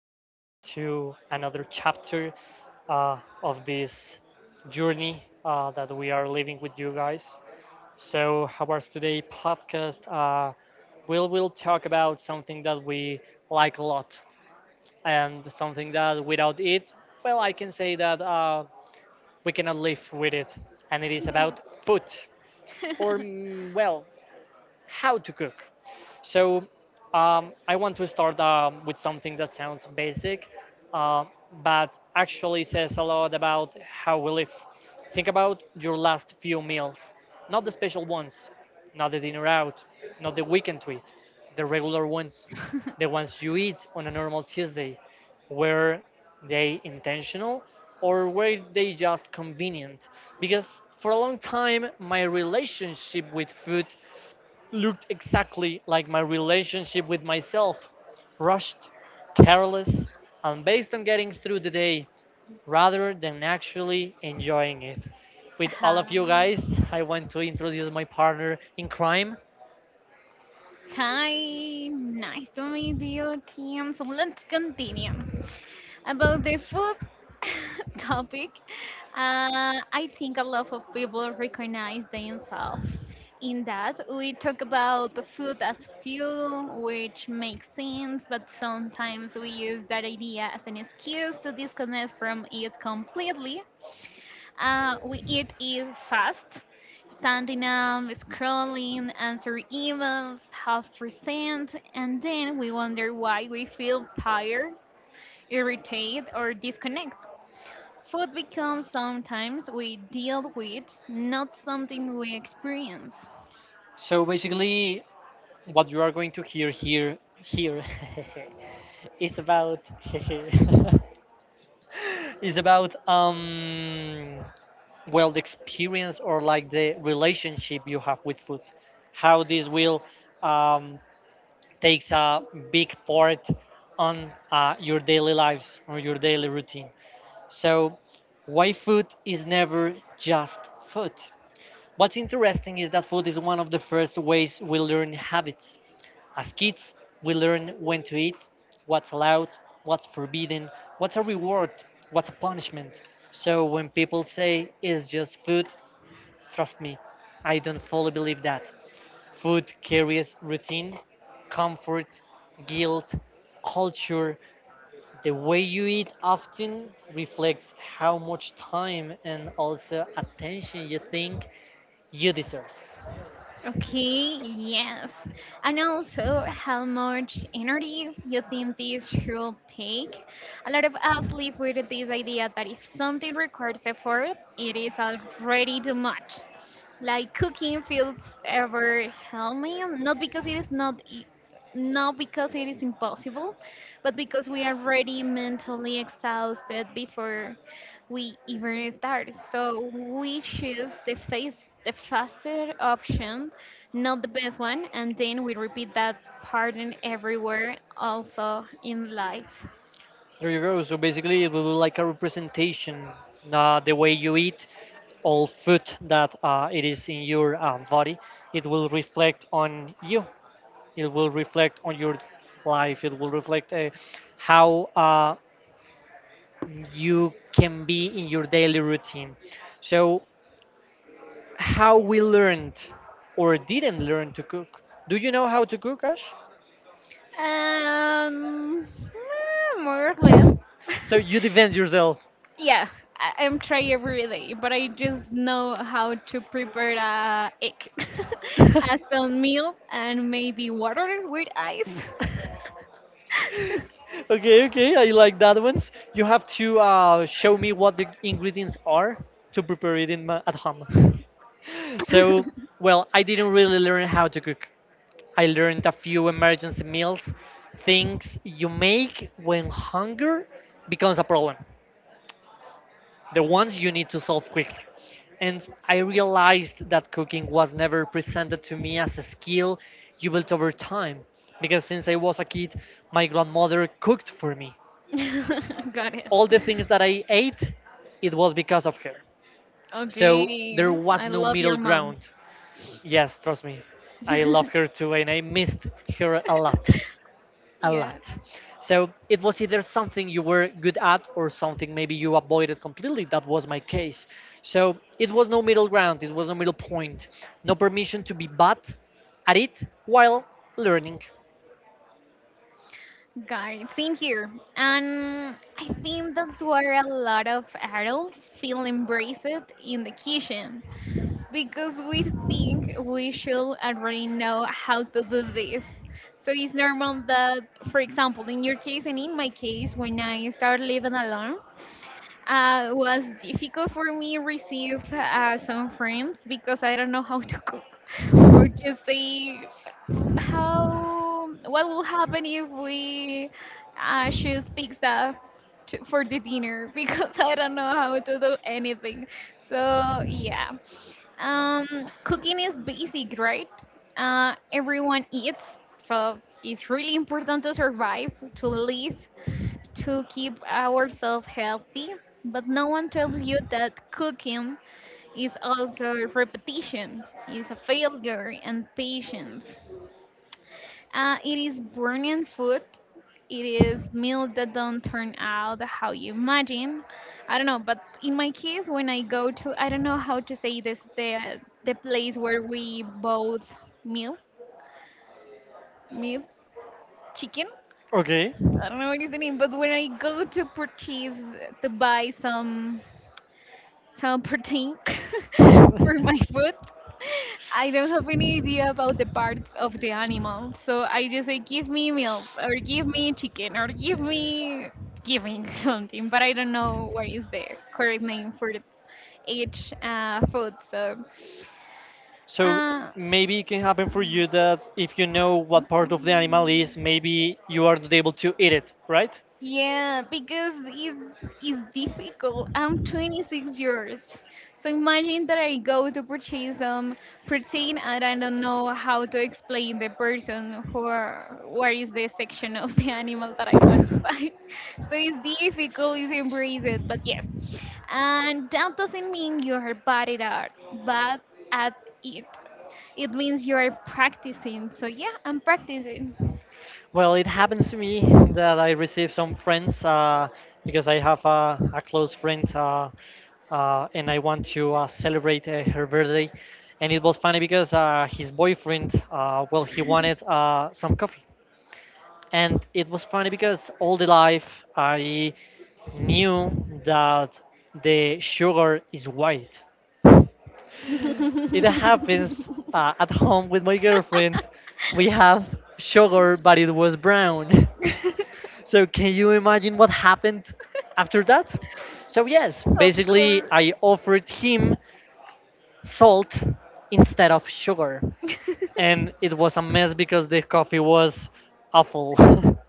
again to another chapter of this journey that we are living with you guys. So, our today podcast, we'll talk about something that we like a lot, and something that without it, well, I can say that we cannot live with it. And it is about food, or well, how to cook. So I want to start with something that sounds basic, uh, but actually says a lot about how we live. Think about your last few meals, not the special ones, not the dinner out, not the weekend treat, the regular ones, the ones you eat on a normal Tuesday. Were they intentional or were they just convenient? Because for a long time, my relationship with food looked exactly like my relationship with myself: rushed, careless, and based on getting through the day rather than actually enjoying it. With all of you Hi. guys, I want to introduce my partner in crime. Hi. Nice to meet you, team. So let's continue about the food topic. I think a lot of people recognize themselves in that. We talk about the food as fuel, which makes sense, but sometimes we use that idea as an excuse to disconnect from it completely. We eat is fast, standing up, scrolling, answering emails, half present, and then we wonder why we feel tired, irritated, or disconnected. Food becomes sometimes we deal with, not something we experience. So basically, what you are going to hear here is about, is about well, the experience, or like the relationship you have with food, how this will, um, takes a big part on your daily lives or your daily routine. So why food is never just food. What's interesting is that food is one of the first ways we learn habits. As kids, we learn when to eat, what's allowed, what's forbidden, what's a reward, what's a punishment. So when people say it's just food, trust me, I don't fully believe that. Food carries routine, comfort, guilt, culture. The way you eat often reflects how much time and also attention you think you deserve. Okay, yes. And also, how much energy you think this should take? A lot of us live with this idea that if something requires effort, it is already too much, like cooking feels ever helping, not because it is not not because it is impossible, but because we are already mentally exhausted before we even start, so we choose the face the faster option, not the best one, and then we repeat that pattern everywhere, also in life. There you go. So basically, it will be like a representation, the way you eat, all food that it is in your body, it will reflect on you. It will reflect on your life. It will reflect how you can be in your daily routine. So, how we learned or didn't learn to cook. Do you know how to cook, Ash? More or less. So you defend yourself. Yeah, I'm try every day, but I just know how to prepare a egg, as a meal, and maybe water with ice. Okay, okay, I like that ones. You have to show me what the ingredients are to prepare it in my, at home. so, well, I didn't really learn how to cook. I learned a few emergency meals, things you make when hunger becomes a problem, the ones you need to solve quickly. And I realized that cooking was never presented to me as a skill you built over time, because since I was a kid, my grandmother cooked for me. Got it. All the things that I ate, it was because of her. So there Okay, was I no love middle your mom. ground. Yes, trust me, I love her too, and I missed her a lot. A Yeah, lot. So it was either something you were good at or something maybe you avoided completely. That was my case. So it was no middle ground, it was no middle point, no permission to be bad at it while learning. got it. Same here. And I think that's where a lot of adults feel embraced in the kitchen, because we think we should already know how to do this. So it's normal that, for example, in your case and in my case, when I started living alone, it was difficult for me receive some friends because I don't know how to cook or to say how what will happen if we choose pizza to, for the dinner because I don't know how to do anything. So yeah, cooking is basic, right? Everyone eats, so it's really important to survive, to live, to keep ourselves healthy. But no one tells you that cooking is also repetition, is a failure and patience. It is burning food. It is meals that don't turn out how you imagine. I don't know, but in my case, when I go to, I don't know how to say this, the place where we both meal, meal, chicken. Okay. I don't know what is the name, but when I go to purchase to buy some Something for my food. I don't have any idea about the parts of the animal, so I just say, give me milk, or give me chicken, or give me something, but I don't know what is the correct name for the- each food. So, So uh, maybe it can happen for you that if you know what part of the animal is, maybe you are not able to eat it, right? yeah, because it's difficult. I'm 26 years. So imagine that I go to purchase some protein and I don't know how to explain the person who are, where is the section of the animal that I want to buy. So it's difficult, it's embrace it, but yes. And that doesn't mean you're bad at art, but at it. It means you're practicing. So yeah, I'm practicing. Well, it happens to me that I receive some friends because I have a close friend and I want to celebrate her birthday. And it was funny because his boyfriend, well, he wanted some coffee. And it was funny because all the life I knew that the sugar is white. It happens at home with my girlfriend. We have sugar, but it was brown. So can you imagine what happened after that? So yes, Of basically course. I offered him salt instead of sugar. And it was a mess because the coffee was awful.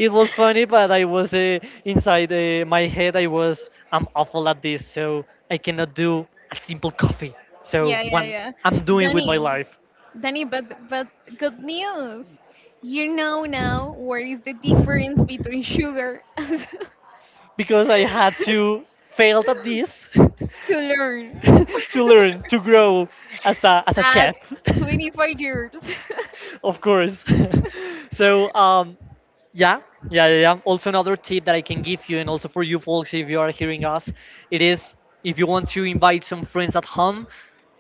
it was funny, but I was, inside my head I was, I'm awful at this, so I cannot do a simple coffee. So Yeah, yeah, one yeah. I'm doing with Danny, my life, Danny, but good news. You know now what is the difference between sugar. because I had to fail at this, To learn. to learn, to grow as a as a At chef, 25 years. of course. so yeah yeah. Also another tip that I can give you, and also for you folks if you are hearing us, it is: if you want to invite some friends at home,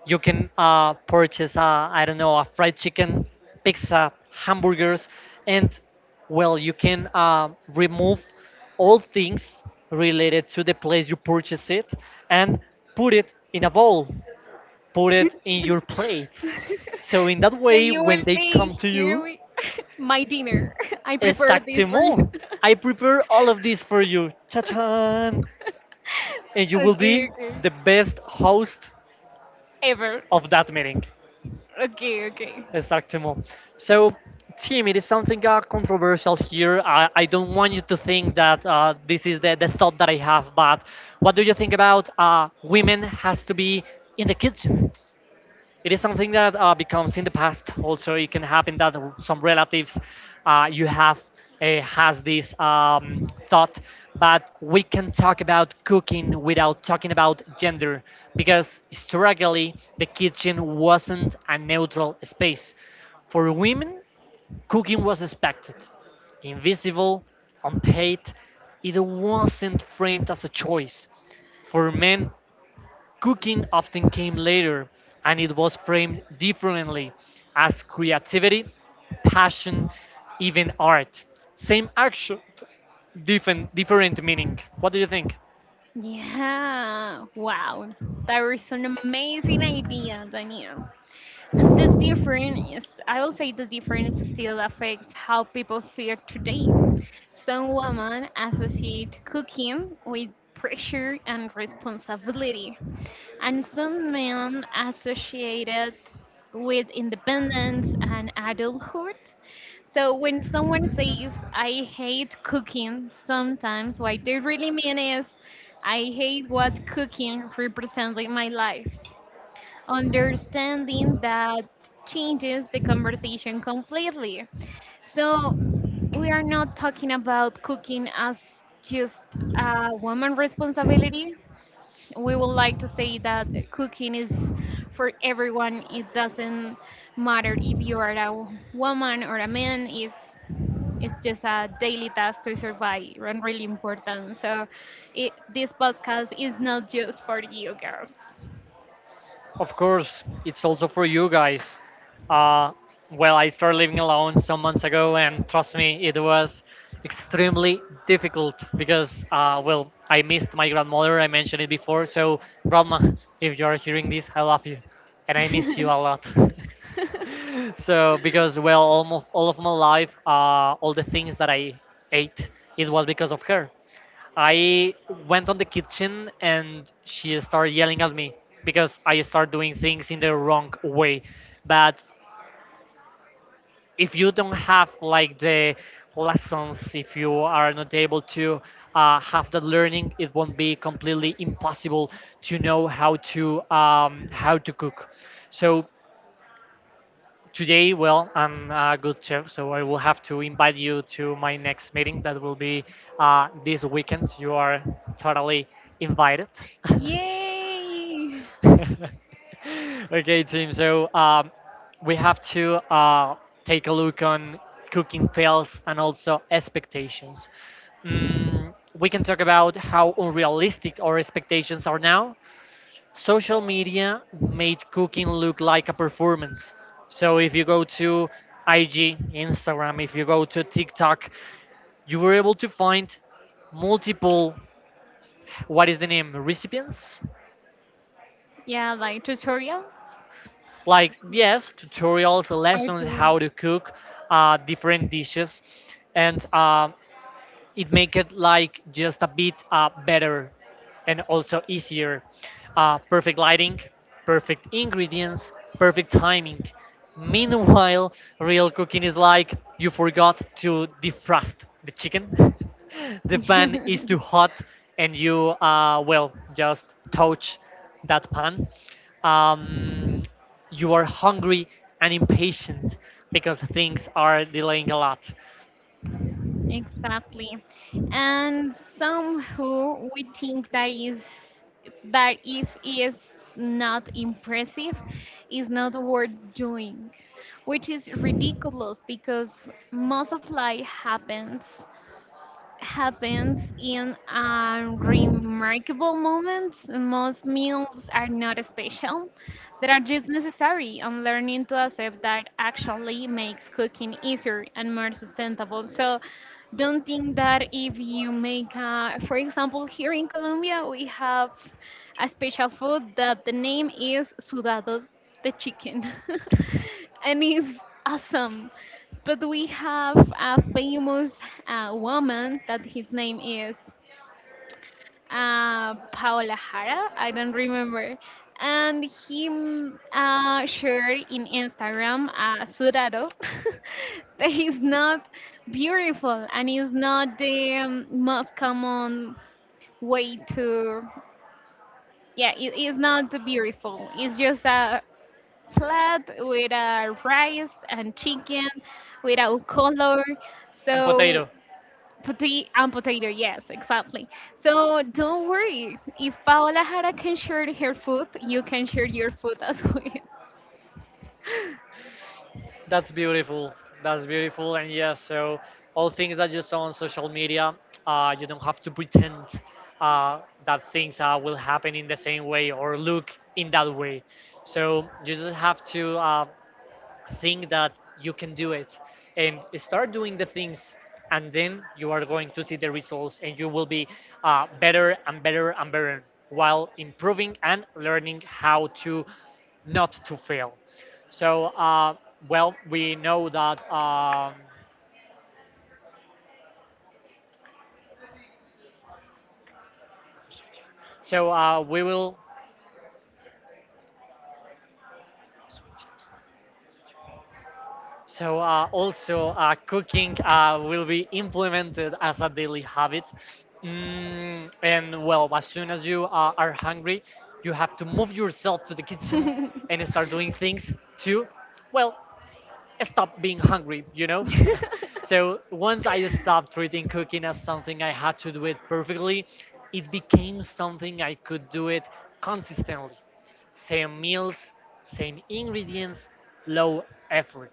you can purchase I don't know, a fried chicken, pizza, hamburgers, and well, you can remove all things related to the place you purchase it, and put it in a bowl, put it in your plates. So in that So way, you will when they say, come to here you, we, my dinner. I prepared this for you. exactement, I prepare all of this for you, cha-chan, and you will be Okay, okay. the best host Ever. of that meeting. Okay, okay. Exactement. So, Tim, it is something controversial here. I don't want you to think that this is the thought that I have, but what do you think about women has to be in the kitchen? It is something that becomes in the past. Also, it can happen that some relatives you have has this thought, but we can talk about cooking without talking about gender, because historically the kitchen wasn't a neutral space. For women, cooking was expected, invisible, unpaid. It wasn't framed as a choice. For men, cooking often came later, and it was framed differently, as creativity, passion, even art. Same action, different meaning. What do you think? Yeah, wow. That was an amazing idea, Daniel. And the difference, is- I will say the difference still affects how people feel today. Some women associate cooking with pressure and responsibility, and some men associate it with independence and adulthood. So when someone says I hate cooking sometimes, what they really mean is I hate what cooking represents in my life. Understanding that changes the conversation completely. So we are not talking about cooking as just a woman responsibility. We would like to say that cooking is for everyone. It doesn't matter if you are a woman or a man. It's just a daily task to survive and really important. So, this podcast is not just for you girls. Of course, it's also for you guys. Uh, well, I started living alone some months ago, and trust me, it was extremely difficult because, well, I missed my grandmother. I mentioned it before. So, grandma, if you're hearing this, I love you, and I miss you a lot. So because well, almost all of my life, all the things that I ate, it was because of her. I went on the kitchen and she started yelling at me because I started doing things in the wrong way. But if you don't have like the lessons, if you are not able to have that learning, it won't be completely impossible to know how to cook. So today, well, I'm a good chef, so I will have to invite you to my next meeting that will be this weekend. You are totally invited. Yay! okay, team. So we have to take a look on cooking fails and also expectations. We can talk about how unrealistic our expectations are now. Social media made cooking look like a performance. So if you go to IG, Instagram, if you go to TikTok, you were able to find multiple, what is the name, recipients, Yeah, like tutorial. like yes, tutorials, How lessons, to. how to cook different dishes. And it make it like just a bit better and also easier. Perfect lighting, perfect ingredients, perfect timing. Meanwhile, real cooking is like you forgot to defrost the chicken, the pan is too hot, and you well just touch that pan, um, you are hungry and impatient because things are delaying a lot. Exactly. And some who we think that is that if it's not impressive, is not worth doing, which is ridiculous because most of life happens happens in unremarkable moments. Most meals are not special. They are just necessary, and learning to accept that actually makes cooking easier and more sustainable. So, don't think that if you make, a, for example, here in Colombia, we have a special food that the name is sudado de chicken, and it's awesome. But we have a famous woman that his name is Paola Jara. I don't remember. And he shared in Instagram a surado that is not beautiful and is not the most common way to. Yeah, it is not beautiful. It's just a flat with a rice and chicken without color. And So potato. potato and potato, yes, exactly. So don't worry. If Paola Jara can share her food, you can share your food as well. That's beautiful. That's beautiful. And yeah, so all things that you saw on social media, you don't have to pretend that things will happen in the same way or look in that way. So you just have to think that you can do it, and start doing the things, and then you are going to see the results and you will be better and better and better while improving and learning how to not to fail. So well, we know that so uh, we will So also cooking will be implemented as a daily habit. And well, as soon as you are hungry, you have to move yourself to the kitchen and start doing things to, well, stop being hungry, you know? so once I stopped treating cooking as something I had to do it perfectly, it became something I could do it consistently. Same meals, same ingredients, low effort.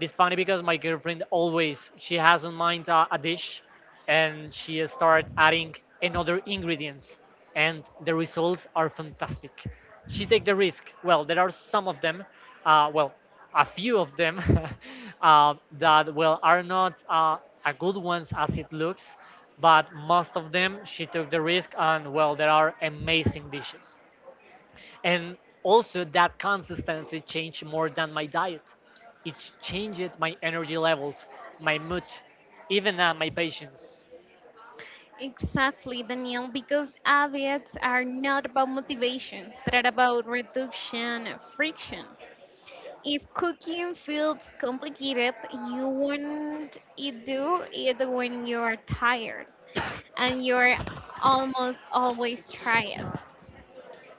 It's funny because my girlfriend always she has in mind a dish, and she start adding another ingredients, and the results are fantastic. She take the risk. Well, there are some of them, uh, well, a few of them that are not a good ones as it looks, but most of them she took the risk and well there are amazing dishes, and also that consistency changed more than my diet. It changed my energy levels, my mood, even my patience. Exactly, Daniel, because habits are not about motivation, but about reduction of friction. If cooking feels complicated, you won't it do it when you're tired, and you're almost always tired.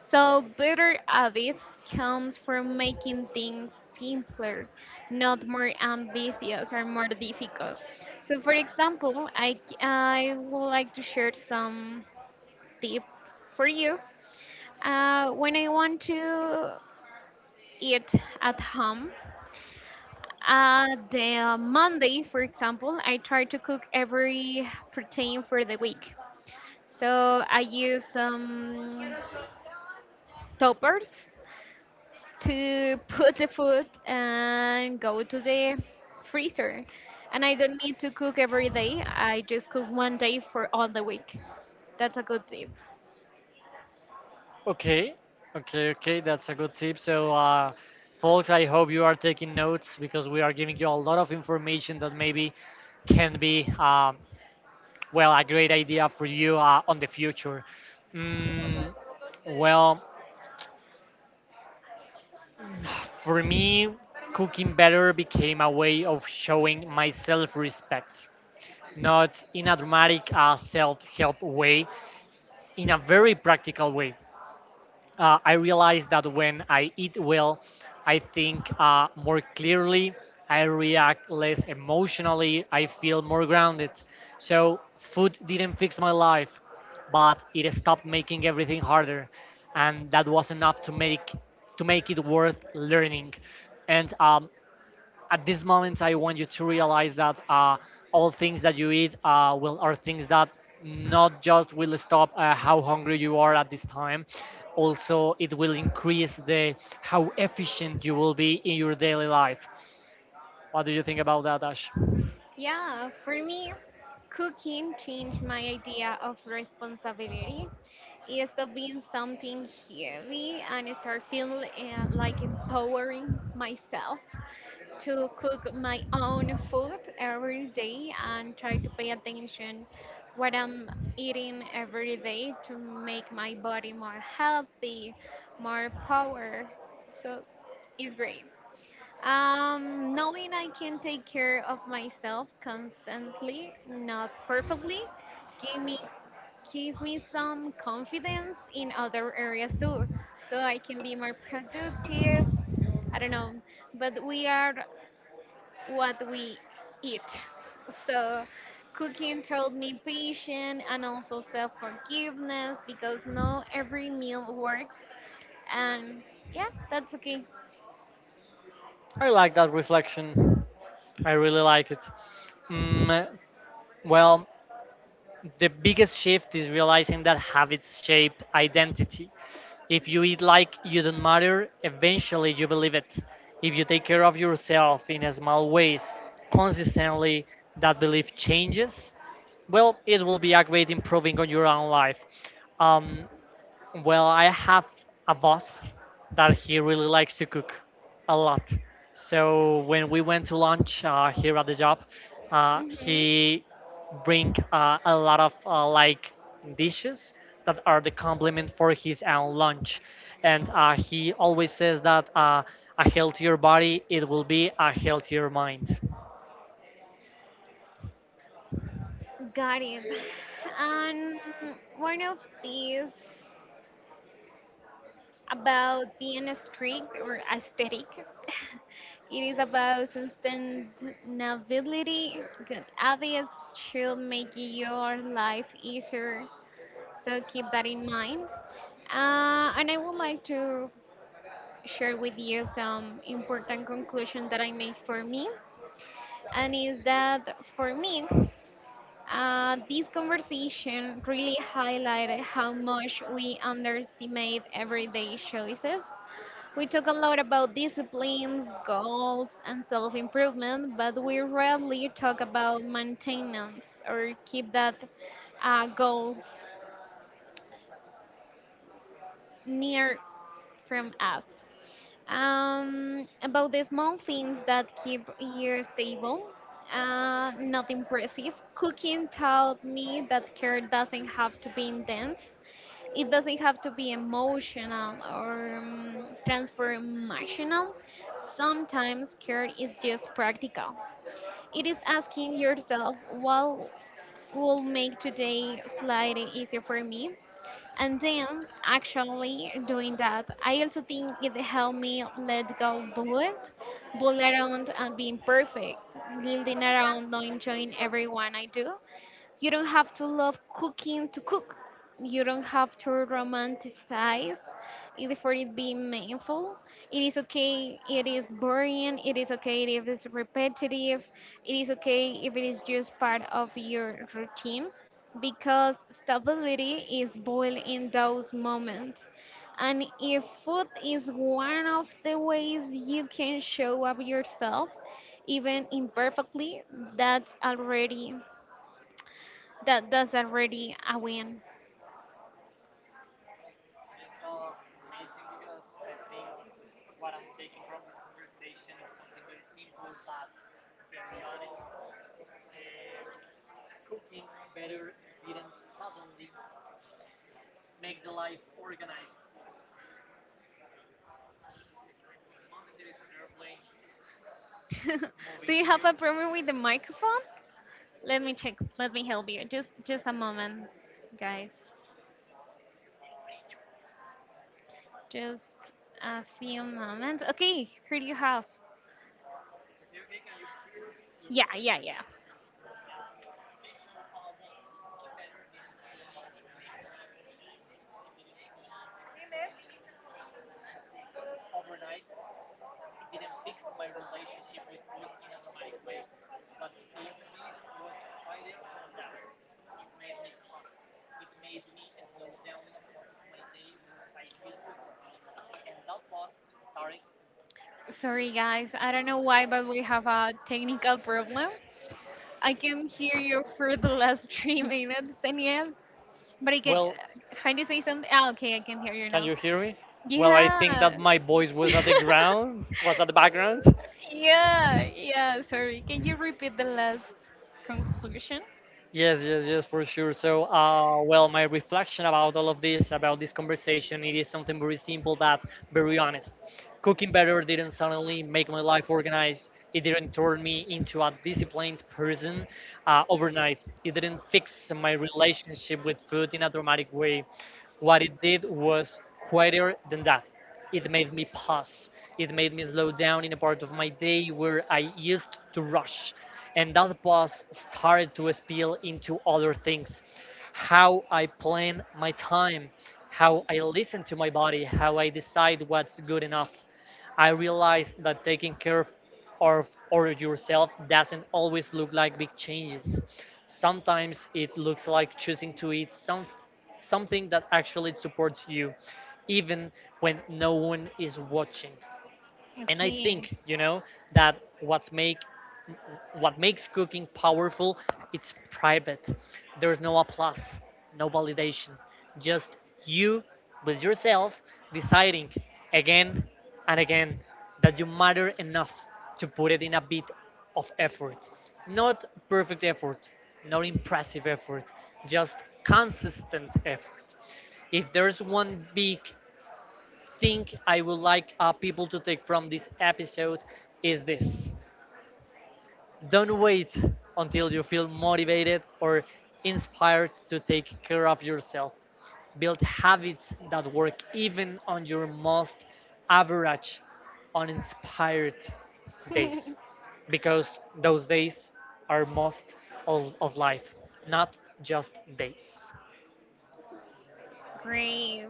So better habits comes from making things simpler, not more ambitious or more difficult. So for example, I would like to share some tip for you. When I want to eat at home, the Monday, for example, I try to cook every protein for the week. So I use some toppers to put the food and go to the freezer. And I don't need to cook every day. I just cook one day for all the week. That's a good tip. Okay. Okay. That's a good tip. So folks, I hope you are taking notes because we are giving you a lot of information that maybe can be well a great idea for you on the future. mm, well, for me cooking better became a way of showing my self-respect, not in a dramatic self help way, in a very practical way. I realized that when I eat well, I think more clearly, I react less emotionally, I feel more grounded. So, food didn't fix my life, but it stopped making everything harder. And that was enough to make it worth learning. And At this moment I want you to realize that all things that you eat will are things that not just will stop how hungry you are at this time, also it will increase the how efficient you will be in your daily life. What do you think about that, Ash? Yeah, for me, cooking changed my idea of responsibility. It stopped being something heavy and I start feeling like empowering myself to cook my own food every day and try to pay attention what I'm eating every day to make my body more healthy, more power. So it's great. Knowing I can take care of myself constantly, not perfectly, give me give me some confidence in other areas too, so I can be more productive. I don't know, but we are what we eat. So, cooking taught me patience and also self forgiveness because not every meal works. And yeah, that's okay. I like that reflection. I really like it. Mm, well, the biggest shift is realizing that habits shape identity. If you eat like you don't matter, eventually you believe it. If you take care of yourself in small ways consistently, that belief changes. Well, it will be a great improving on your own life. Um, well, I have a boss that he really likes to cook a lot. So when we went to lunch here at the job, Hmm. he bring a lot of like dishes that are the complement for his own lunch, and he always says that a healthier body it will be a healthier mind. Got it. And one of these about being strict or aesthetic. It is about sustainability. Good habits should make your life easier. So keep that in mind. And I would like to share with you some important conclusion that I made for me, and is that for me, this conversation really highlighted how much we underestimate everyday choices. We talk a lot about disciplines, goals, and self improvement, but we rarely talk about maintenance or keep that goals near from us. About the small things that keep here stable, not impressive. Cooking taught me that care doesn't have to be intense. It doesn't have to be emotional or transformational. Sometimes care is just practical. It is asking yourself, what will make today slightly easier for me? And then actually doing that, I also think it helped me let go bullet around and being perfect, building around not enjoying everyone I do. You don't have to love cooking to cook. You don't have to romanticize it for it being meaningful. It is okay, it is boring, it is okay if it's repetitive, it is okay if it is just part of your routine because stability is boiled in those moments. And if food is one of the ways you can show up yourself, even imperfectly, that's already that's already a win. Do you have a problem with the microphone? Let me check. Let me help you. Just a moment, guys. Just a few moments. Okay, here you have. Yeah, yeah, yeah. Sorry guys, I don't know why, but we have a technical problem. I can hear you for the last three minutes, Daniel. But I can. Well, Can you say something? Ah, okay, I can hear you can now. you hear me? Well, I Yeah. think that my voice was at the ground, was at the background. Yeah, yeah, sorry. Can you repeat the last conclusion? Yes, yes, yes, for sure. So, my reflection about all of this, about this conversation, it is something very simple but very honest. Cooking better didn't suddenly make my life organized. It didn't turn me into a disciplined person overnight. It didn't fix my relationship with food in a dramatic way. What it did was quieter than that. It made me pause. It made me slow down in a part of my day where I used to rush. And that pause started to spill into other things: how I plan my time, how I listen to my body, how I decide what's good enough. I realized that of yourself doesn't always look like big changes. Sometimes it looks like choosing to eat something that actually supports you, even when no one is watching. And I Okay, think that what makes cooking powerful, it's private. There's no applause, no validation, just you with yourself, deciding again and again that you matter enough to put it in a bit of effort. Not perfect effort, not impressive effort, just consistent effort. If there's one big think I would like people to take from this episode, is this: don't wait until you feel motivated or inspired to take care of yourself. Build habits that work even on your most average, uninspired days, because those days are most all of life, not just days. great.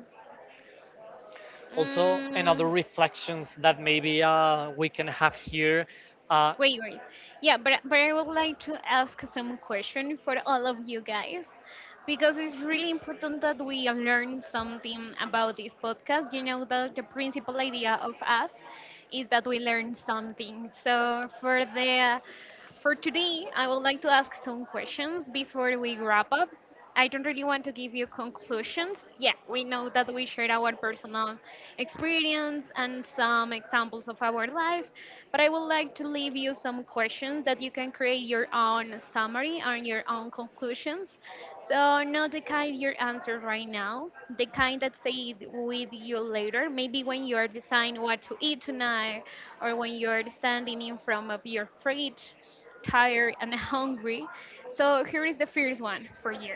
Also, another Mm. reflections that maybe we can have here. Uh, Great, great. Yeah, but I would like to ask some question for all of you guys because it's really important that we learn something about this podcast. You know that the principal idea of us is that we learn something. So for today, I would like to ask some questions before we wrap up. I don't really want to give you conclusions. Yeah, we know that we shared our personal experience and some examples of our life, but I would like to leave you some questions that you can create your own summary and your own conclusions. So, not the kind your answer right now, the kind that stay with you later, maybe when you are deciding what to eat tonight or when you are standing in front of your fridge, tired and hungry. So, here is the first one for you,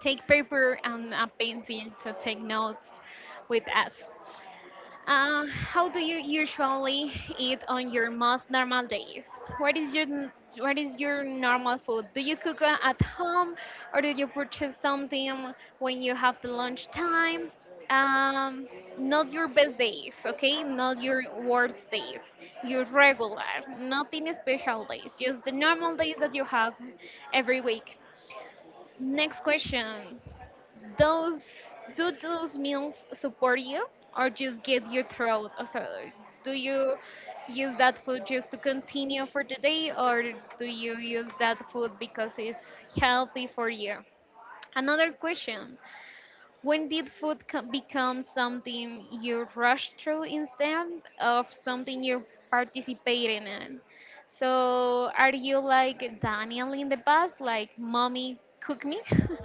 take paper and a pencil to take notes with us. How do you usually eat on your most normal days? What is your n- what is your normal food? Do you cook at home, or do you purchase something when you have the lunch time? Um, Not your best days, okay? Not your worst days. Your regular, nothing special days, just the normal days that you have every week. Next question. Those Do those meals support you or just get your throat? Or so, do you use that food just to continue for the day or do you use that food because it's healthy for you? Another question. When did become something you rush through instead of something you're participating in? So, are you like Daniel in the past, like mommy cook me?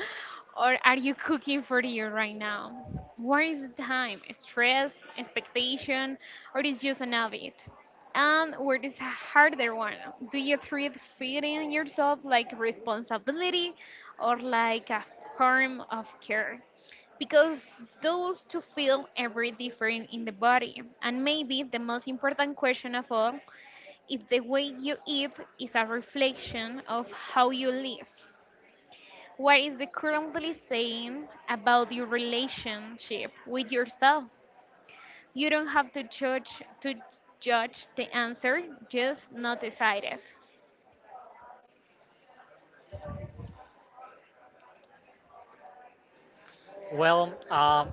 Or are you cooking for you right now? Where is the time? Stress, expectation, or is just an habit? And where is a harder one? Do you treat feeding yourself like responsibility or like a form of care? Because those two feel every different in the body. And maybe the most important question of all is the way you eat is a reflection of how you live. What is the currently saying about your relationship with yourself? You don't have to judge the answer, just not decide it. Well,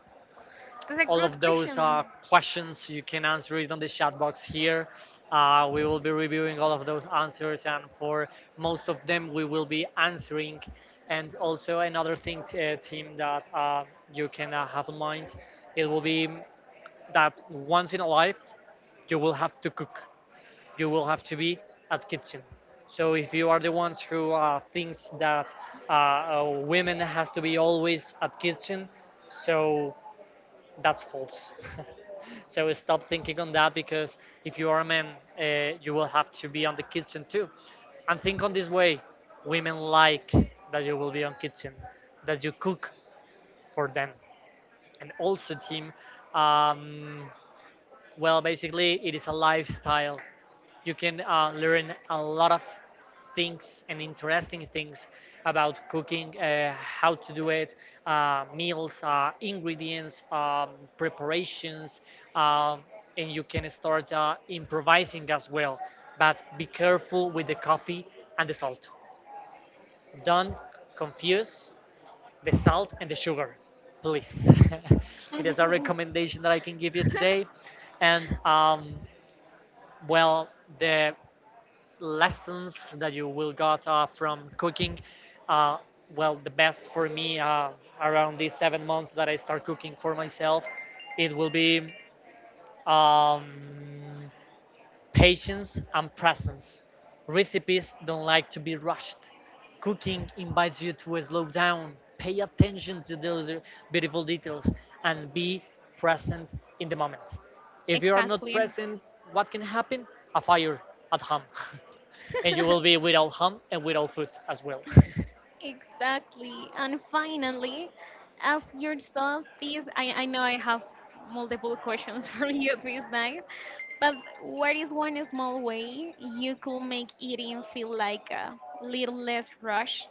That's a all good of those question. Questions you can answer it on the chat box here. We will be reviewing all of those answers, and for most of them, we will be answering. And also, another thing, team, that you can have in mind it will be that once in a life, you will have to cook. You will have to be at kitchen. So if you are the ones who thinks that women has to be always at kitchen, so that's false. So stop thinking on that because if you are a man, you will have to be on the kitchen too. And think on this way: women like that you will be on kitchen, that you cook for them, and also team. Um, well, basically, it is a lifestyle. You can learn a lot of things and interesting things about cooking, how to do it, meals, ingredients, preparations, um and you can start improvising as well. But be careful with the coffee and the salt. Don't confuse the salt and the sugar, please. It is a recommendation that I can give you today. And well the lessons that you will got from cooking, uh, well the best for me around these 7 months that I start cooking for myself, it will be um, patience and presence. Recipes don't like to be rushed. Cooking invites you to slow down, pay attention to those beautiful details, and be present in the moment. If you are not Exactly. present, what can happen? A fire at home. And you will be without home and without food as well. Exactly. And finally, ask yourself this. I know I have multiple questions for you this night, but what is one small way you could make eating feel like a little less rush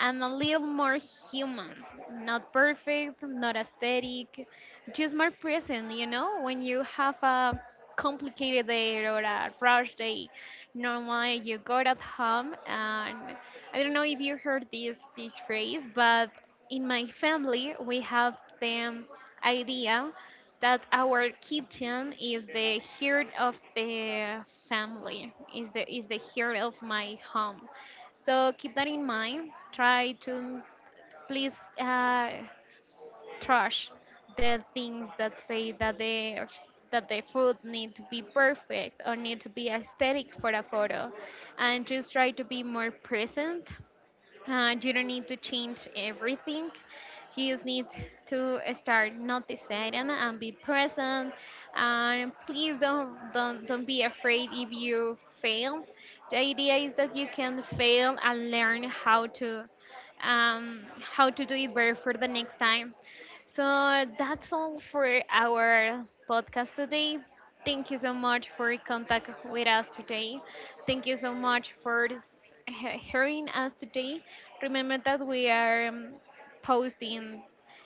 and a little more human. Not perfect, not aesthetic, just more present, you know? When you have a complicated day or a rush day, normally you go at home and I don't know if you heard this phrase, but in my family we have the idea that our kitchen is the heart of the family, is the heart of my home. So keep that in mind. Try to please uh, trash the things that say that the food need to be perfect or need to be aesthetic for a photo, and just try to be more present you don't need to change everything. You just need to start noticing and be present. And please don't be afraid if you fail. The idea is that you can fail and learn how to do it better for the next time. So that's all for our podcast today. Thank you so much for contact with us today. Thank you so much for hearing us today. Remember that we are posting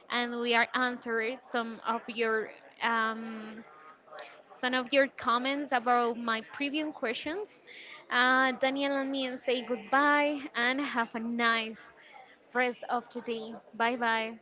and we are answering um, some of your comments about my previous questions. Daniel and me say goodbye and have a nice rest of the day. Bye bye.